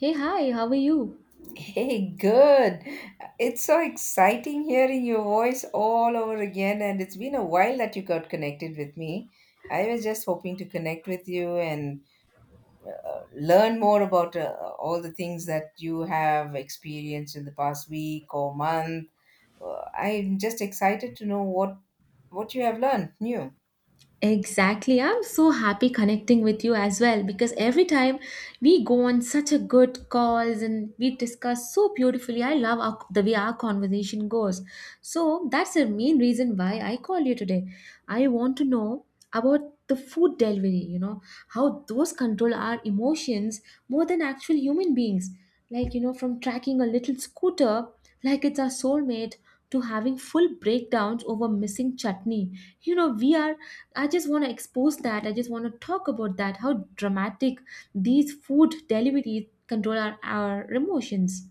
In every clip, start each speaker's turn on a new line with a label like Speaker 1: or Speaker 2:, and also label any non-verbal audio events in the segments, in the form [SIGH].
Speaker 1: Hey, hi, how are you?
Speaker 2: Hey, good. It's so exciting hearing your voice all over again, and it's been a while that you got connected with me. I was just hoping to connect with you and learn more about all the things that you have experienced in the past week or month. I'm just excited to know what you have learned new.
Speaker 1: Exactly. I'm so happy connecting with you as well, because every time we go on such a good calls and we discuss so beautifully. I love the way our conversation goes. So that's the main reason why I call you today. I want to know about the food delivery, how those control our emotions more than actual human beings. Like, from tracking a little scooter like it's our soulmate, to having full breakdowns over missing chutney. You know, we are I just want to expose that. I just want to talk about that. How dramatic these food delivery control our emotions.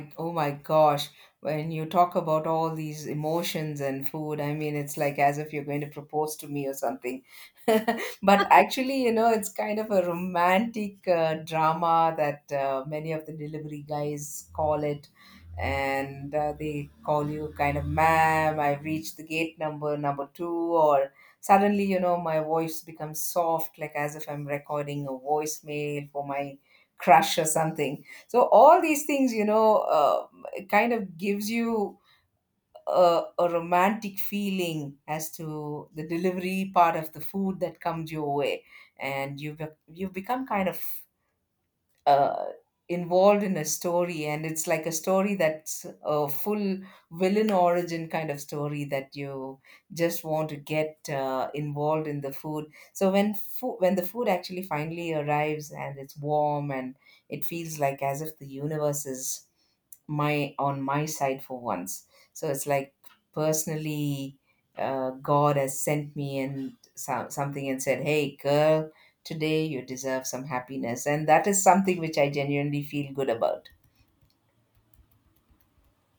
Speaker 2: Like, oh my gosh, when you talk about all these emotions and food, I mean, it's like as if you're going to propose to me or something. [LAUGHS] But actually, you know, it's kind of a romantic drama that many of the delivery guys call it. And they call you kind of, ma'am, I've reached the gate number, number two, or suddenly, you know, my voice becomes soft, like as if I'm recording a voicemail for my crush or something. So all these things, you know, it kind of gives you a romantic feeling as to the delivery part of the food that comes your way. And you you become kind of uh, involved in a story, and it's like a story that's a full villain origin kind of story that you just want to get involved in the food. So when food when the food actually finally arrives and it's warm, and it feels like as if the universe is my on my side for once. So it's like, personally, god has sent me and so, something, and said, hey girl, today you deserve some happiness, and that is something which I genuinely feel good about.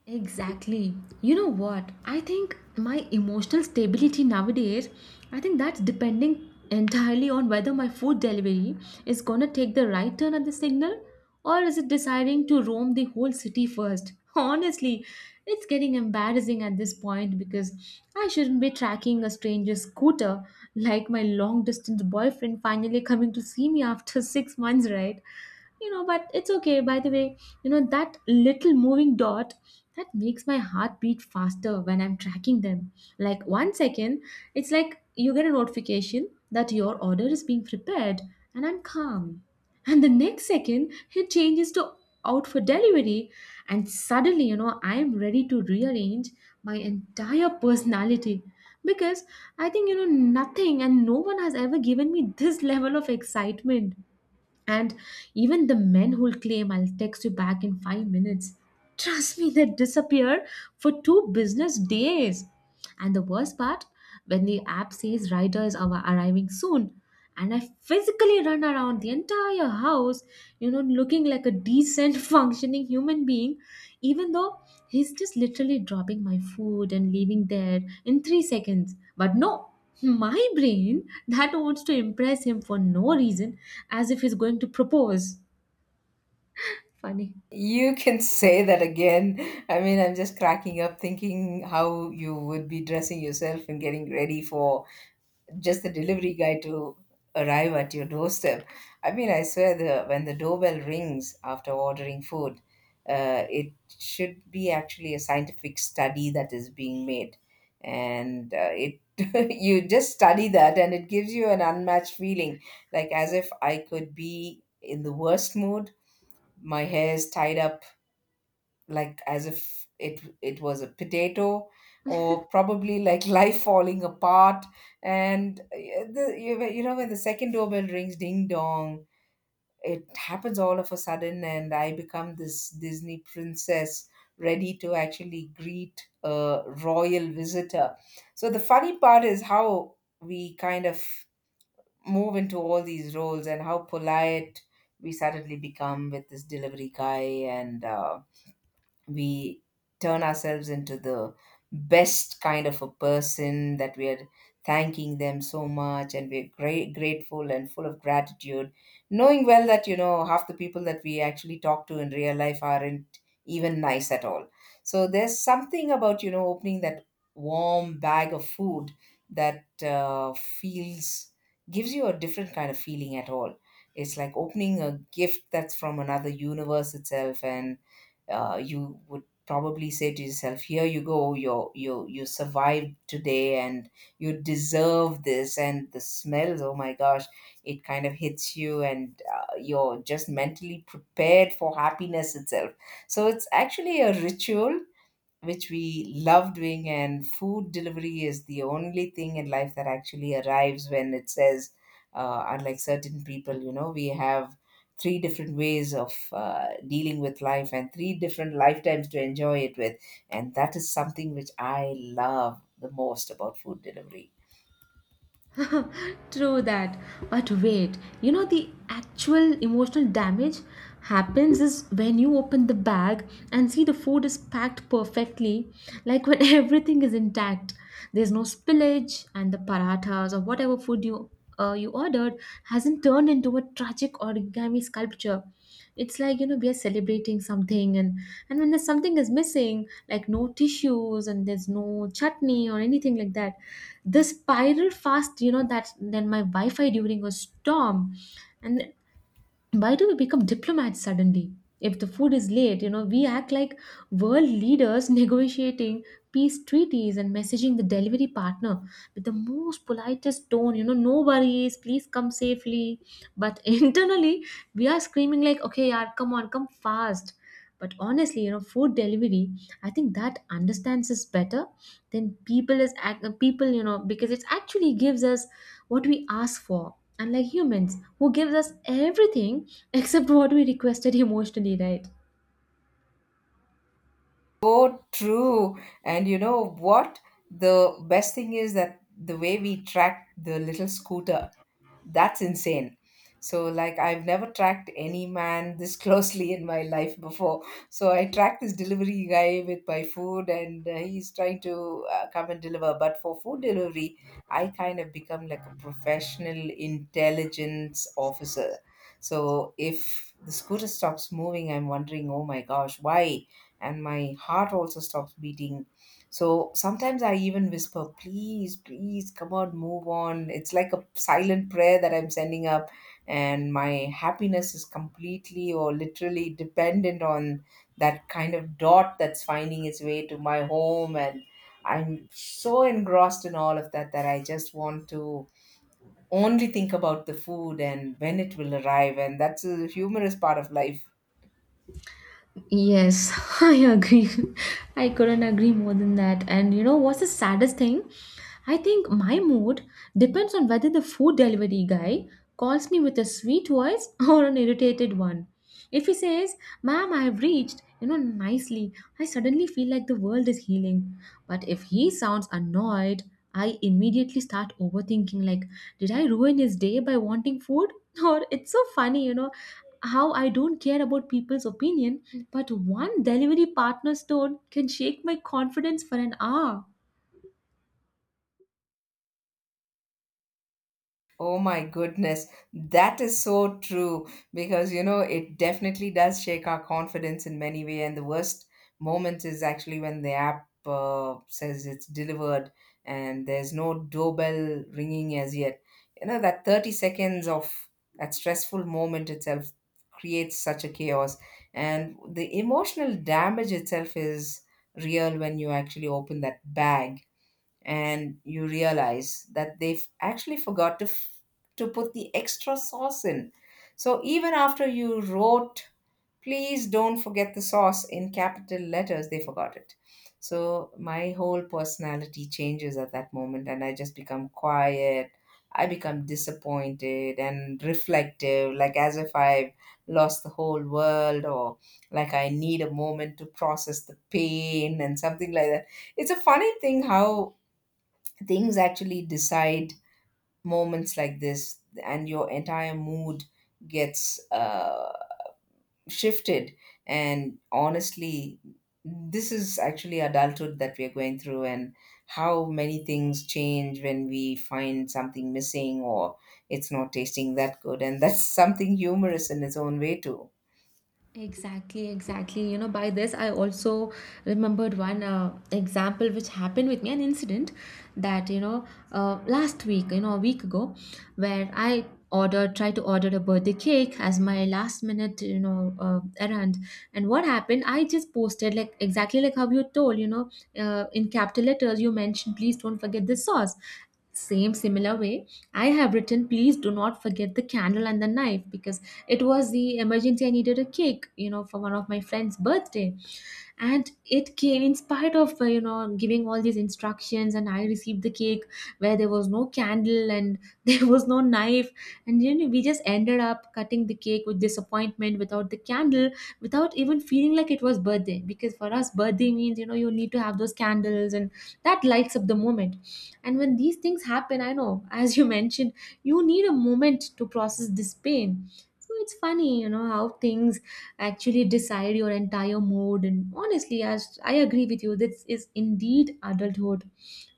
Speaker 1: Exactly. You know what? I think my emotional stability nowadays, I think that's depending entirely on whether my food delivery is gonna take the right turn at the signal, or is it deciding to roam the whole city first. [LAUGHS] Honestly, it's getting embarrassing at this point, because I shouldn't be tracking a stranger's scooter like my long distance boyfriend finally coming to see me after [LAUGHS] 6 months, right? But it's okay, by the way. You know that little moving dot that makes my heart beat faster when I'm tracking them? Like one second, it's like you get a notification that your order is being prepared, and I'm calm. And the next second, it changes to out for delivery, and suddenly, I'm ready to rearrange my entire personality, because I think, nothing and no one has ever given me this [LAUGHS] level of excitement. And even the men who'll claim, I'll text you back in 5 minutes, trust me, they disappear for 2 business days. And the worst part, when the app says riders are arriving soon, and I physically run around the entire house, looking like a decent [LAUGHS] functioning human being, even though he's just literally dropping my food and leaving there in 3 seconds. But no, my brain that wants to impress him for no reason, as if he's going to propose. Funny.
Speaker 2: You can say that again. I mean, I'm just cracking up thinking how you would be dressing yourself and getting ready for just the delivery guy to arrive at your doorstep. I mean, I swear the when the doorbell rings after ordering food, it should be actually a scientific study that is being made, and it [LAUGHS] you just study that, and it gives you an unmatched feeling, like as if I could be in the worst mood. My hair is tied up like as if it was a potato, or probably like [LAUGHS] life falling apart. And the, you know, when the second doorbell rings, ding dong, it happens all of a sudden, and I become this Disney princess ready to actually greet a royal visitor. So the funny part is how we kind of move into all these roles and how polite we suddenly become with this delivery guy. And we turn ourselves into the best kind of a person that we are, thanking them so much, and we're great grateful and full of gratitude, knowing well that, you know, half the people that we actually talk to in real life aren't even nice at all. So there's something about, you know, opening that warm bag of food that feels gives you a different kind of feeling at all. It's like opening a gift that's from another universe itself. And you would probably say to yourself, "Here you go. You survived today, and you deserve this." And the smells, oh my gosh, it kind of hits you, and you're just mentally prepared for happiness itself. So it's actually a ritual which we love doing, and food delivery is the only thing in life that actually arrives when it says, unlike certain people. You know, we have three different ways of dealing with life and three different lifetimes to enjoy it with, and that is something which I love the most about food delivery.
Speaker 1: [LAUGHS] True that. But wait, you know the actual emotional damage happens is when you open the bag and see the food is packed perfectly, like when [LAUGHS] everything is intact. There's no spillage and the parathas or whatever food you ordered hasn't turned into a tragic origami sculpture. It's like we are celebrating something, and when there's something is missing, like no tissues and there's no chutney or anything like that, the spiral fast, that then my Wi-Fi during a storm. And why do we become diplomats suddenly? If the food is late, we act like world leaders [LAUGHS] negotiating peace treaties and messaging the delivery partner with the most politest tone, no worries, please come safely, but [LAUGHS] internally we are screaming like, okay yaar, come on, come fast. But honestly, food delivery, I think that understands us better then people is act people, because it actually gives us what we ask for, unlike humans who gives us everything [LAUGHS] except what we requested emotionally, right?
Speaker 2: So true. And you know what? The best thing is that the way we track the little scooter, that's insane. So, like, I've never tracked any man this [LAUGHS] closely in my life before. So, I tracked this delivery guy with my food, and he's trying to come and deliver. But for food delivery, I kind of become like a professional intelligence officer. So, if the scooter stops moving, I'm wondering, oh my gosh, why? And my heart also stops beating. So sometimes I even whisper, please, please, come on, move on. It's like a silent prayer that I'm sending up, and my happiness is completely or literally dependent on that kind of dot that's finding its way to my home. And I'm so engrossed in all of that that I just want to only think about the food and when it will arrive. And that's a humorous part of life.
Speaker 1: Yes. [LAUGHS] I agree. I couldn't agree more than that. And you know what's the saddest thing? I think my mood depends on whether the food delivery guy calls me with a sweet voice [LAUGHS] or an irritated one. If he says, ma'am, I have reached, nicely, I suddenly feel like the world is healing. But if he sounds annoyed, I immediately start overthinking like, did I ruin his day by wanting food? [LAUGHS] Or it's so funny, you know how I don't care about people's opinion, but one delivery partner's tone can shake my confidence for an hour.
Speaker 2: Oh my goodness, that is so true, because you know it definitely does shake our confidence in many ways. And the worst moment is actually when the app says it's delivered and there's no doorbell ringing as yet. You know, that 30 seconds of that stressful moment itself creates such a chaos, and the emotional damage itself is real when you actually open that bag and you realize that they've actually to put the extra sauce in. So even after you wrote, please don't forget the sauce, in capital letters, they forgot it. So my whole personality changes at that moment, and I just become quiet. I become disappointed and reflective, like as if I've lost the whole world, or like I need a moment to process the pain and something like that. It's a funny thing how things actually decide moments like this, and your entire mood gets shifted. And honestly, this is actually adulthood that we are going through, and how many things change when we find something missing, or it's not tasting that good. And that's [LAUGHS] something humorous in its own way too.
Speaker 1: Exactly, exactly. You know, by this, I also remembered one example which happened with me, an incident that, last week, a week ago, where I tried to order a birthday cake as my last minute, errand. And what happened, I just posted, like, exactly like how you told, in capital letters, you mentioned, please don't forget the sauce. Same similar way, I have written, please do not forget the candle and the knife, because it was the emergency. I needed a cake, for one of my friend's birthday, and it came in spite of giving all these instructions, and I received the cake where there was no candle and [LAUGHS] there was no knife. And we just ended up cutting the cake with disappointment without the candle, without even feeling like it was birthday, because for us birthday means you need to have those candles, and that lights up the moment. And when these things happen, I know, [LAUGHS] as you mentioned, you need a moment to process this pain. So it's funny, you know how things actually decide your entire mood. And honestly, as I agree with you, this is indeed adulthood.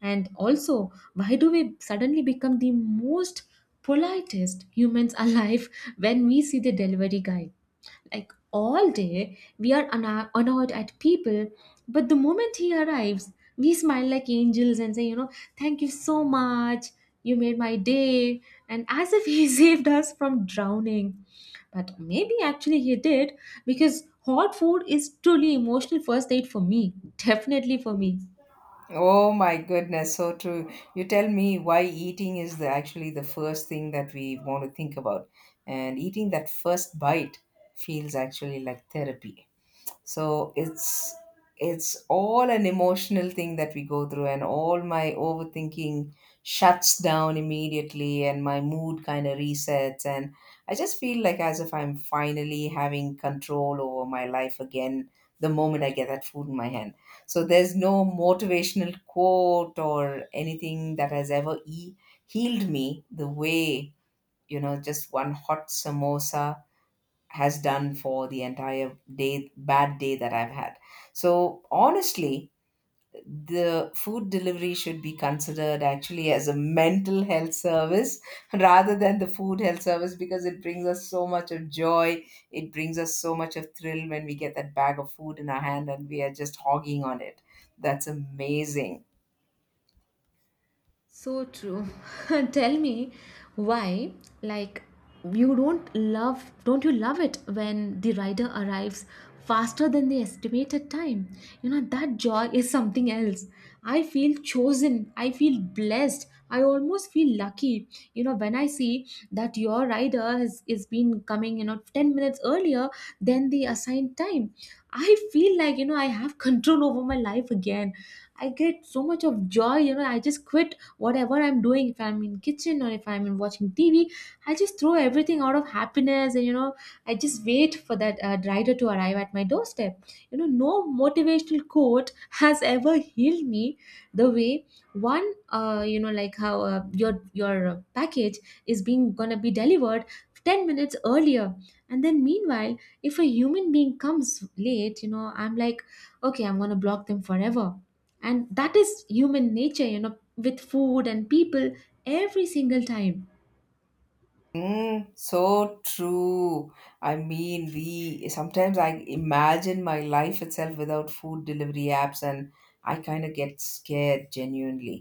Speaker 1: And also, why do we suddenly become the most politest humans [LAUGHS] alive when we see the delivery guy? Like all day, we are annoyed at people, but the moment he arrives, we smile like angels and say, thank you so much. You made my day. And as if he [LAUGHS] saved us from drowning. But maybe actually he did, because hot food is truly emotional first aid for me. Definitely for me.
Speaker 2: Oh my goodness, so true. You tell me why eating is the actually the first thing that we want to think about. And eating that first bite feels actually like therapy. So it's all an emotional thing that we go through, and all my overthinking shuts down immediately, and my mood kind of resets, and I just feel like as if I'm finally having control over my life again the moment I get that food in my hand. So there's no motivational quote or anything that has ever healed me the way, you know, just one hot samosa has done for the entire day bad day that I've had. So honestly, the food delivery should be considered actually as a mental health service [LAUGHS] rather than the food health service, because it brings us so much of joy. It brings us so much of thrill when we get that bag of food in our hand and we are just hogging on it. That's amazing.
Speaker 1: So true. [LAUGHS] Tell me why, like, you don't love, don't you love it when the rider arrives faster than the estimated time? You know, that joy is something else. I feel chosen. I feel blessed. I almost feel lucky. You know, when I see that your rider is been coming, 10 minutes earlier than the assigned time, I feel like, I have control over my life again. I get so much of joy, I just quit whatever I'm doing, if I'm in kitchen or if I'm in watching TV. I just throw everything out of happiness, and I just wait for that rider to arrive at my doorstep. No motivational quote [LAUGHS] has ever healed me the way one like how your package is being gonna be delivered 10 minutes earlier, and then meanwhile if a human being comes late, I'm like, okay, I'm gonna block them forever. And that is human nature, with food and people, every single time.
Speaker 2: Mm, so true. I mean, we sometimes I imagine my life itself without food delivery apps, and I kind of get scared genuinely.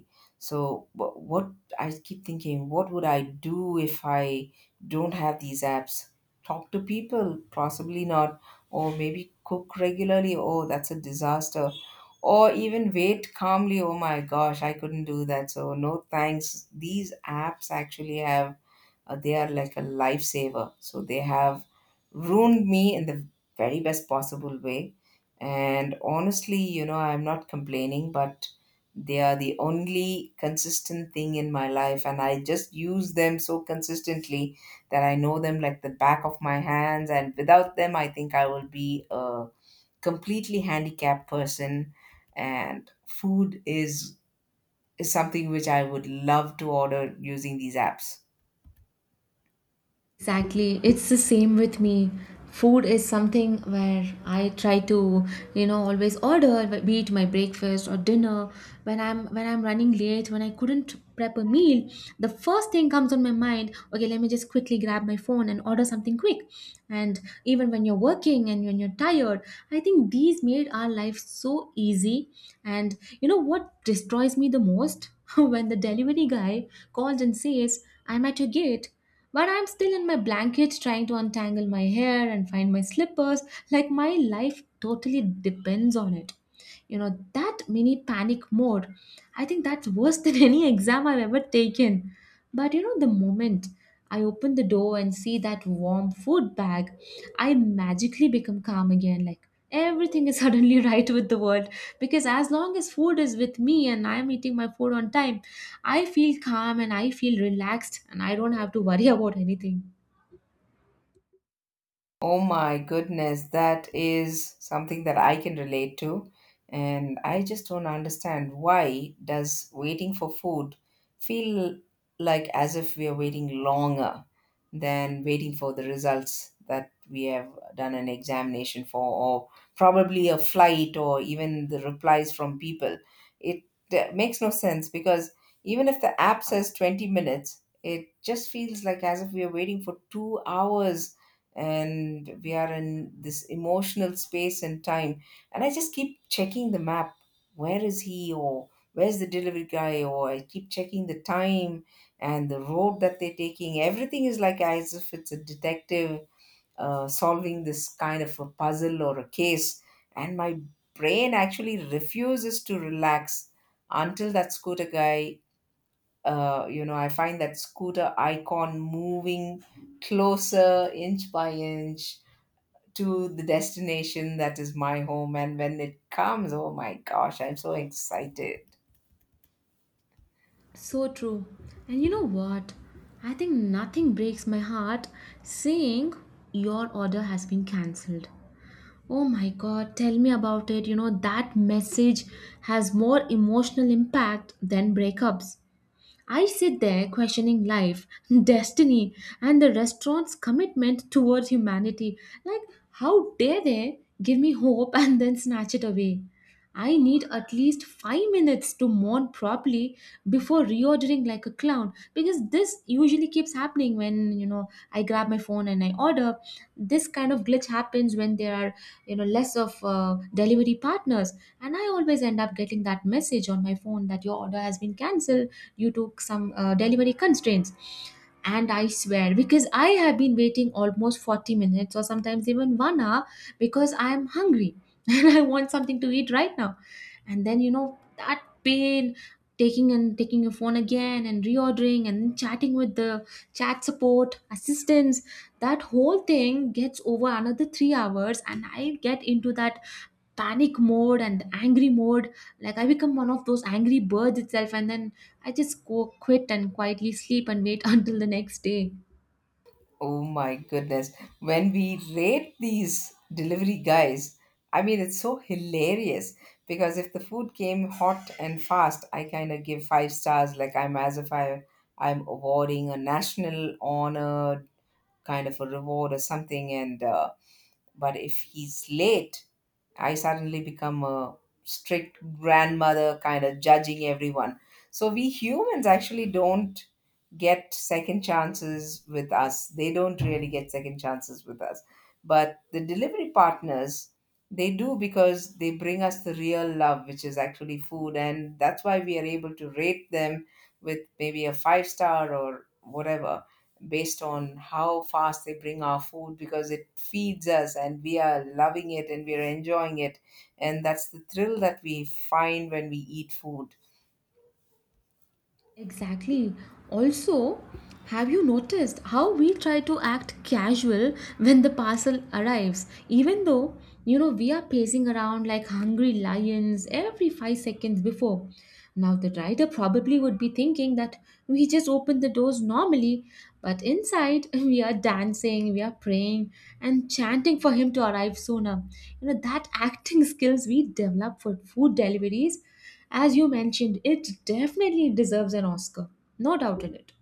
Speaker 2: So, what I keep thinking, what would I do if I don't have these apps? Talk to people? Possibly not. Or maybe cook regularly? Oh, that's a disaster. Or even wait calmly. Oh my gosh, I couldn't do that. So, no thanks. These apps actually have they are like a lifesaver. So they have ruined me in the very best possible way. And honestly, you know, I'm not complaining, but they are the only consistent thing in my life. And I just use them so consistently that I know them like the back of my hands. And without them, I think I will be a completely handicapped person. And food is something which I would love to order using these apps.
Speaker 1: Exactly. It's the same with me. Food is something where I try to, always order, be it my breakfast or dinner. When I'm running late, when I couldn't prep a meal, the first thing comes on my mind, okay, let me just quickly grab my phone and order something quick. And even when you're working and when you're tired, I think these made our life so easy. And you know what destroys me the most? [LAUGHS] When the delivery guy calls and says, I'm at your gate, but I'm still in my blanket trying to untangle my hair and find my slippers, like my life totally depends on it. You know, that mini panic mode. I think that's worse than [LAUGHS] any exam I've ever taken. But the moment I open the door and see that warm food bag, I magically become calm again. Like everything is [LAUGHS] suddenly right with the world. Because as long as food is with me and I'm eating my food on time, I feel calm and I feel relaxed, and I don't have to worry [LAUGHS] about anything.
Speaker 2: Oh my goodness, that is something that I can relate to. And I just don't understand why does waiting for food feel like as if we are waiting longer than waiting for the results that we have done an examination for, or probably a flight, or even the replies from people. It makes no sense, because even if the app says 20 minutes, it just feels like as if we are waiting for 2 hours. And we are in this emotional space and time, and I just keep checking the map, where is he, or where's the delivery guy, or I keep checking the time and the road that they're taking. Everything is like as if it's a detective solving this kind of a puzzle or a case. And my brain actually refuses to relax until that scooter guy, you know, I find that scooter icon moving closer inch by inch to the destination that is my home. And when it comes, oh my gosh, I'm so excited.
Speaker 1: So true. And you know what? I think nothing breaks my heart saying your order has been cancelled. Oh my God, tell me about it. That message has more emotional impact than breakups. I sit there questioning life, [LAUGHS] destiny, and the restaurant's commitment towards humanity. Like, how dare they give me hope [LAUGHS] and then snatch it away? I need at least 5 minutes to mourn properly before reordering like a clown, because this usually keeps happening when I grab my phone and I order. This kind of glitch happens when there are less of delivery partners, and I always end up getting that message on my phone that your order has been cancelled due to some delivery constraints. And I swear, because I have been waiting almost 40 minutes or sometimes even 1 hour because I am hungry [LAUGHS] and I want something to eat right now. And then, you know, that pain, taking and taking your phone again and reordering and chatting with the chat support assistants, that whole thing gets over another 3 hours and I get into that panic mode and angry mode. Like, I become one of those angry birds itself, and then I just go quit and quietly sleep and wait [LAUGHS] until the next day.
Speaker 2: Oh my goodness. When we rate these delivery guys, I mean, it's so hilarious, because if the food came hot and fast, I kind of give five stars, like I'm as if I'm awarding a national honor kind of a reward or something. And but if he's late, I suddenly become a strict grandmother, kind of judging everyone. So we humans actually don't get second chances with us. They don't really get second chances with us. But the delivery partners, they do, because they bring us the real love, which is actually food. And that's why we are able to rate them with maybe a five star or whatever based on how fast they bring our food, because it feeds us and we are loving it and we are enjoying it. And that's the thrill that we find when we eat food.
Speaker 1: Exactly. Also, have you noticed how we try to act casual when the parcel arrives, even though you know we are pacing around like hungry lions every 5 seconds before? Now, the rider probably would be thinking that we just open the doors normally, but inside [LAUGHS] we are dancing, we are praying, and chanting for him to arrive sooner. You know, that acting skills we develop for food deliveries, as you mentioned, it definitely deserves an Oscar, no doubt in it.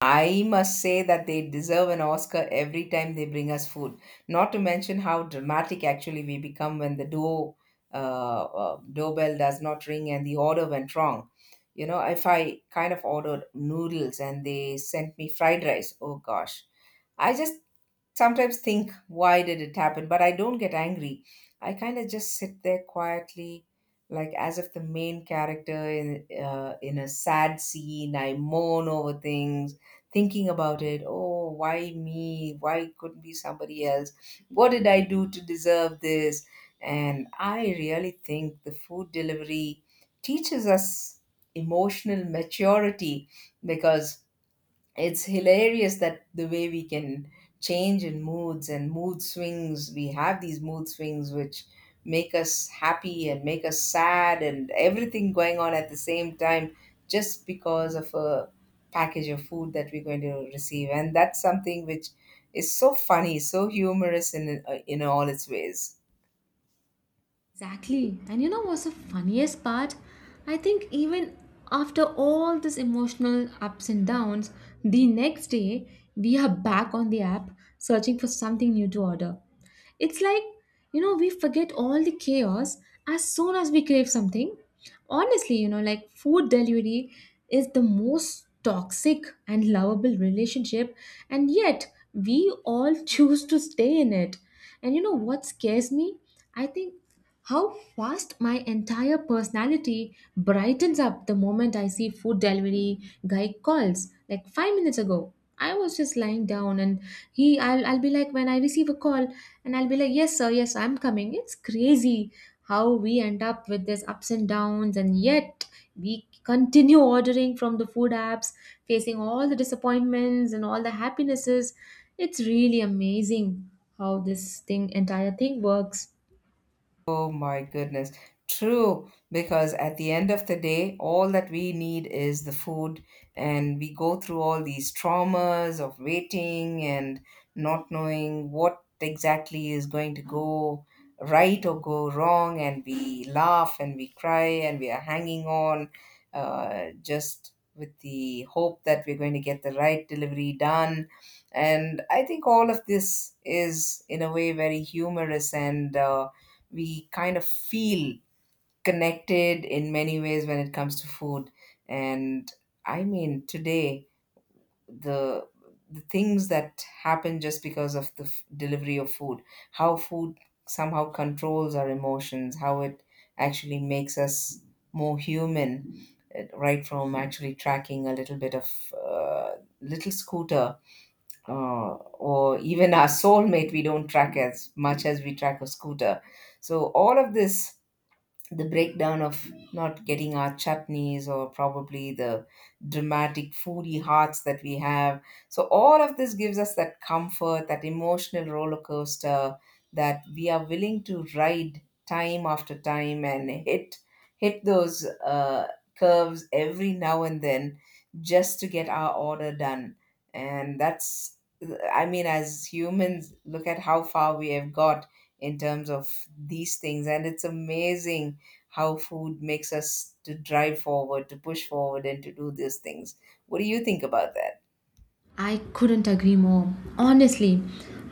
Speaker 2: I must say that they deserve an Oscar every time they bring us food. Not to mention how dramatic actually we become when the doorbell does not ring and the order went wrong. You know, if I kind of ordered noodles and they sent me fried rice, oh gosh, I just sometimes think, why did it happen? But I don't get angry. I kind of just sit there quietly, like as if the main character in a sad scene, I moan over things, thinking about it. Oh, why me? Why couldn't be somebody else? What did I do to deserve this? And I really think the food delivery teaches us emotional maturity, because it's hilarious that the way we can change in moods, and mood swings. We have these mood swings which make us happy and make us sad and everything going on at the same time, just because of a package of food that we're going to receive. And that's something which is so funny, so humorous in all its ways.
Speaker 1: Exactly. And you know what's the funniest part? I think even after all this emotional ups and downs, the next day we are back on the app searching for something new to order. It's like, you know, we forget all the chaos as soon as we crave something. Honestly, you know, like food delivery is the most toxic and lovable relationship, and yet we all [LAUGHS] choose to stay in it. And you know what scares me? I think how fast my entire personality brightens up the moment I see food delivery guy calls. Like 5 minutes ago, I was just lying down and I'll be like, when I receive a call, and I'll be like, yes, sir, yes, I'm coming. It's crazy how we end up with this ups and downs, and yet we continue ordering from the food apps, facing all the disappointments and all the happinesses. It's really amazing how entire thing works.
Speaker 2: Oh my goodness. True, because at the end of the day, all that we need is the food, and we go through all these traumas of waiting and not knowing what exactly is going to go right or go wrong, and we laugh and we cry and we are hanging on, just with the hope that we're going to get the right delivery done. And I think all of this is, in a way, very humorous, and we kind of feel connected in many ways when it comes to food. And I mean, today, the the things that happen just because of the f- delivery of food, how food somehow controls our emotions, how it actually makes us more human. Right from actually tracking a little bit of, little scooter, uh, or even our soulmate, we don't track as much as we track a scooter. So all of this, the breakdown of not getting our chutneys, or probably the dramatic foodie hearts that we have. So all of this gives us that comfort, that emotional roller coaster that we are willing to ride time after time, and hit those curves every now and then, just to get our order done. And that's, I mean, as humans, look at how far we have got in terms of these things. And it's amazing how food makes us to drive forward, to push forward, and to do these things. What do you think about that?
Speaker 1: I couldn't agree more. Honestly,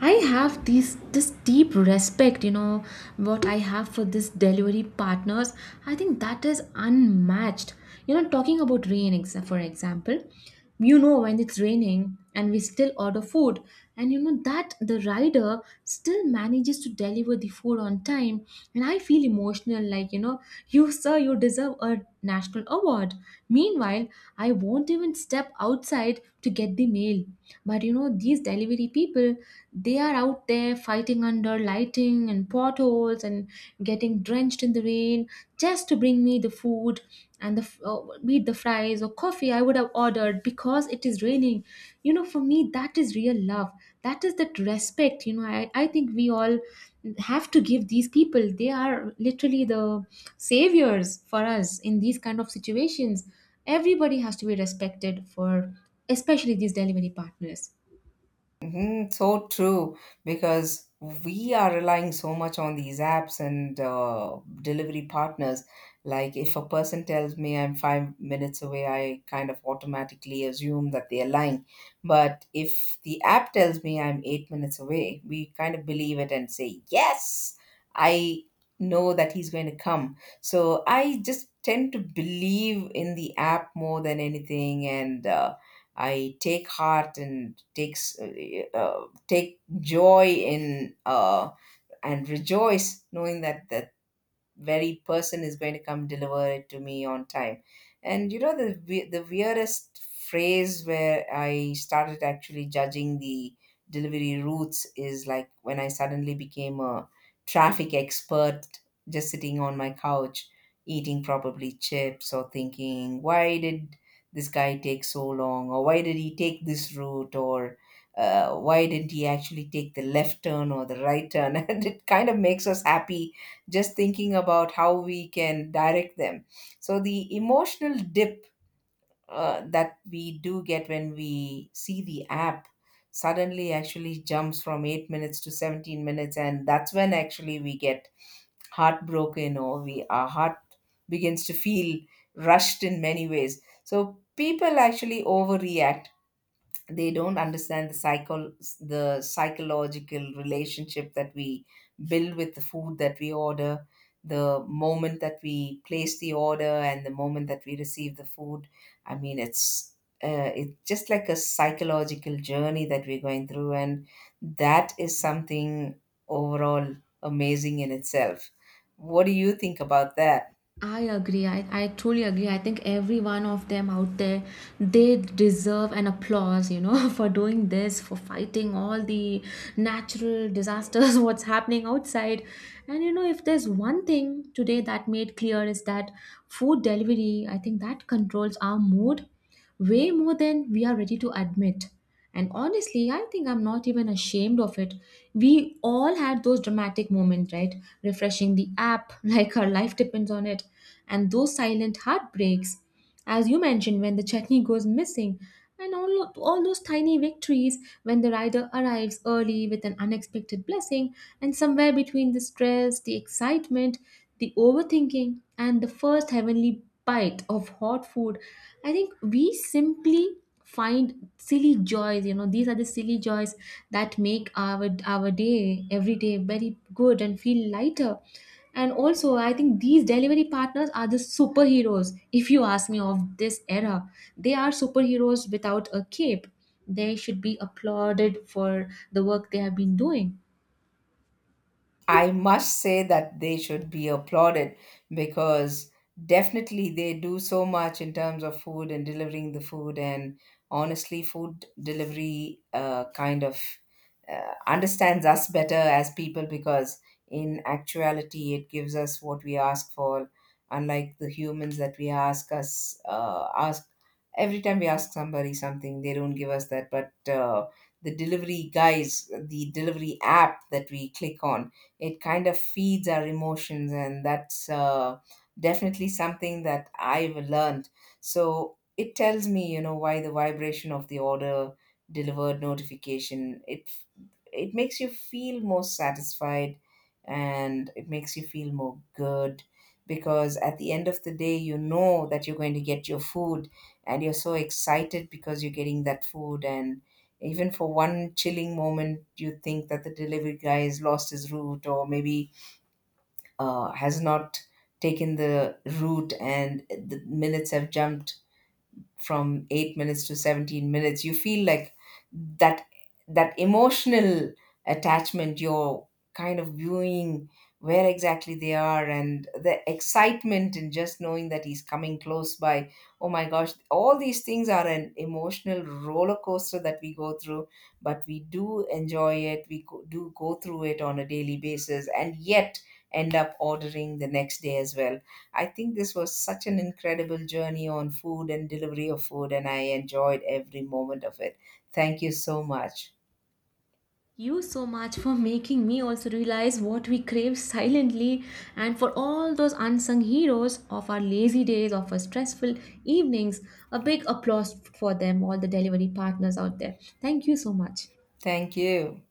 Speaker 1: I have these this deep respect, you know, what I have for this delivery partners. I think that is unmatched. You know, talking about rain, for example, you know, when it's raining, and we still order food, and you know that the rider still manages to deliver the food on time, and I feel emotional like, you know, [LAUGHS] you sir, you deserve a national award. Meanwhile, I won't even step outside to get the mail. But you know, these delivery people, they are out there fighting under lighting and potholes and getting drenched in the rain, just to bring me the food. And be it the fries or coffee I would have ordered because it is raining. You know, for me, that is real love. That is that respect. You know, I think we all have to give these people. They are literally the saviors for us in these kind of situations. Everybody has to be respected for, especially these delivery partners.
Speaker 2: Hmm, so true, because we are relying so much on these apps and delivery partners. Like, if a person tells me I'm 5 minutes away, I kind of automatically assume that they are lying. But if the app tells me I'm 8 minutes away, we kind of believe it and say, yes, I know that he's going to come. So I just tend to believe in the app more than anything. And, I take heart and take joy in, and rejoice, knowing that the very person is going to come deliver it to me on time. And you know, the the weirdest phrase where I started actually judging the delivery routes is like when I suddenly became a traffic expert, just sitting on my couch eating probably chips, or thinking, why did this guy take so long? Or why did he take this route? Or why didn't he actually take the left turn or the right turn? [LAUGHS] And it kind of makes us happy just thinking about how we can direct them. So the emotional dip that we do get when we see the app suddenly actually jumps from 8 minutes to 17 minutes, and that's when actually we get heartbroken, or we, our heart begins to feel rushed in many ways. So people actually overreact. They don't understand the the psychological relationship that we build with the food that we order, the moment that we place the order and the moment that we receive the food. I mean, it's, it's just like a psychological journey that we're going through, and that is something overall amazing in itself. What do you think about that?
Speaker 1: I agree. I truly agree. I think every one of them out there, they deserve an applause, you know, [LAUGHS] for doing this, for fighting all the natural disasters, [LAUGHS] what's happening outside. And you know, if there's one thing today that made clear is that food delivery, I think that controls our mood way more than we are ready to admit. And honestly, I think I'm not even ashamed of it. We all had those dramatic moments, right? Refreshing the app [LAUGHS] like our life depends on it. And those silent heartbreaks, as you mentioned, when the chutney goes missing. And all those tiny victories when the rider arrives early with an unexpected blessing. And somewhere between the stress, the excitement, the overthinking, and the first heavenly bite of hot food, I think we simply find silly joys. You know, these are the silly joys that make our day every day very good and feel lighter. And also, I think these delivery partners are the superheroes, if you ask me, of this era. They are superheroes without a cape. They should be applauded for the work they have been doing.
Speaker 2: I must say that they should be applauded, because definitely they do so much in terms of food and delivering the food. And honestly, food delivery kind of, understands us better as people, because in actuality, it gives us what we ask for, unlike the humans that we ask us, ask. Every time we ask somebody something, they don't give us that. But the delivery guys, the delivery app that we click on, it kind of feeds our emotions. And that's, definitely something that I've learned. So it tells me, you know, why the vibration of the order delivered notification, it makes you feel more satisfied and it makes you feel more good, because at the end of the day you know that you're going to get your food. And you're so excited because you're getting that food. And even for one chilling moment, you think that the delivery guy has lost his route, or maybe has not taken the route and the minutes have jumped from 8 minutes to 17 minutes, you feel like that, that emotional attachment. You're kind of viewing where exactly they are, and the excitement in just knowing that he's coming close by. Oh my gosh, all these things are an emotional roller coaster that we go through. But we do enjoy it. We do go through it on a daily basis, and yet end up ordering the next day as well. I think this was such an incredible journey on food and delivery of food, and I enjoyed every moment of it. Thank you so much.
Speaker 1: You so much for making me also realize what we crave silently, and for all those unsung heroes of our lazy days, of our stressful evenings, a big applause for them, all the delivery partners out there, thank you so much.
Speaker 2: Thank you.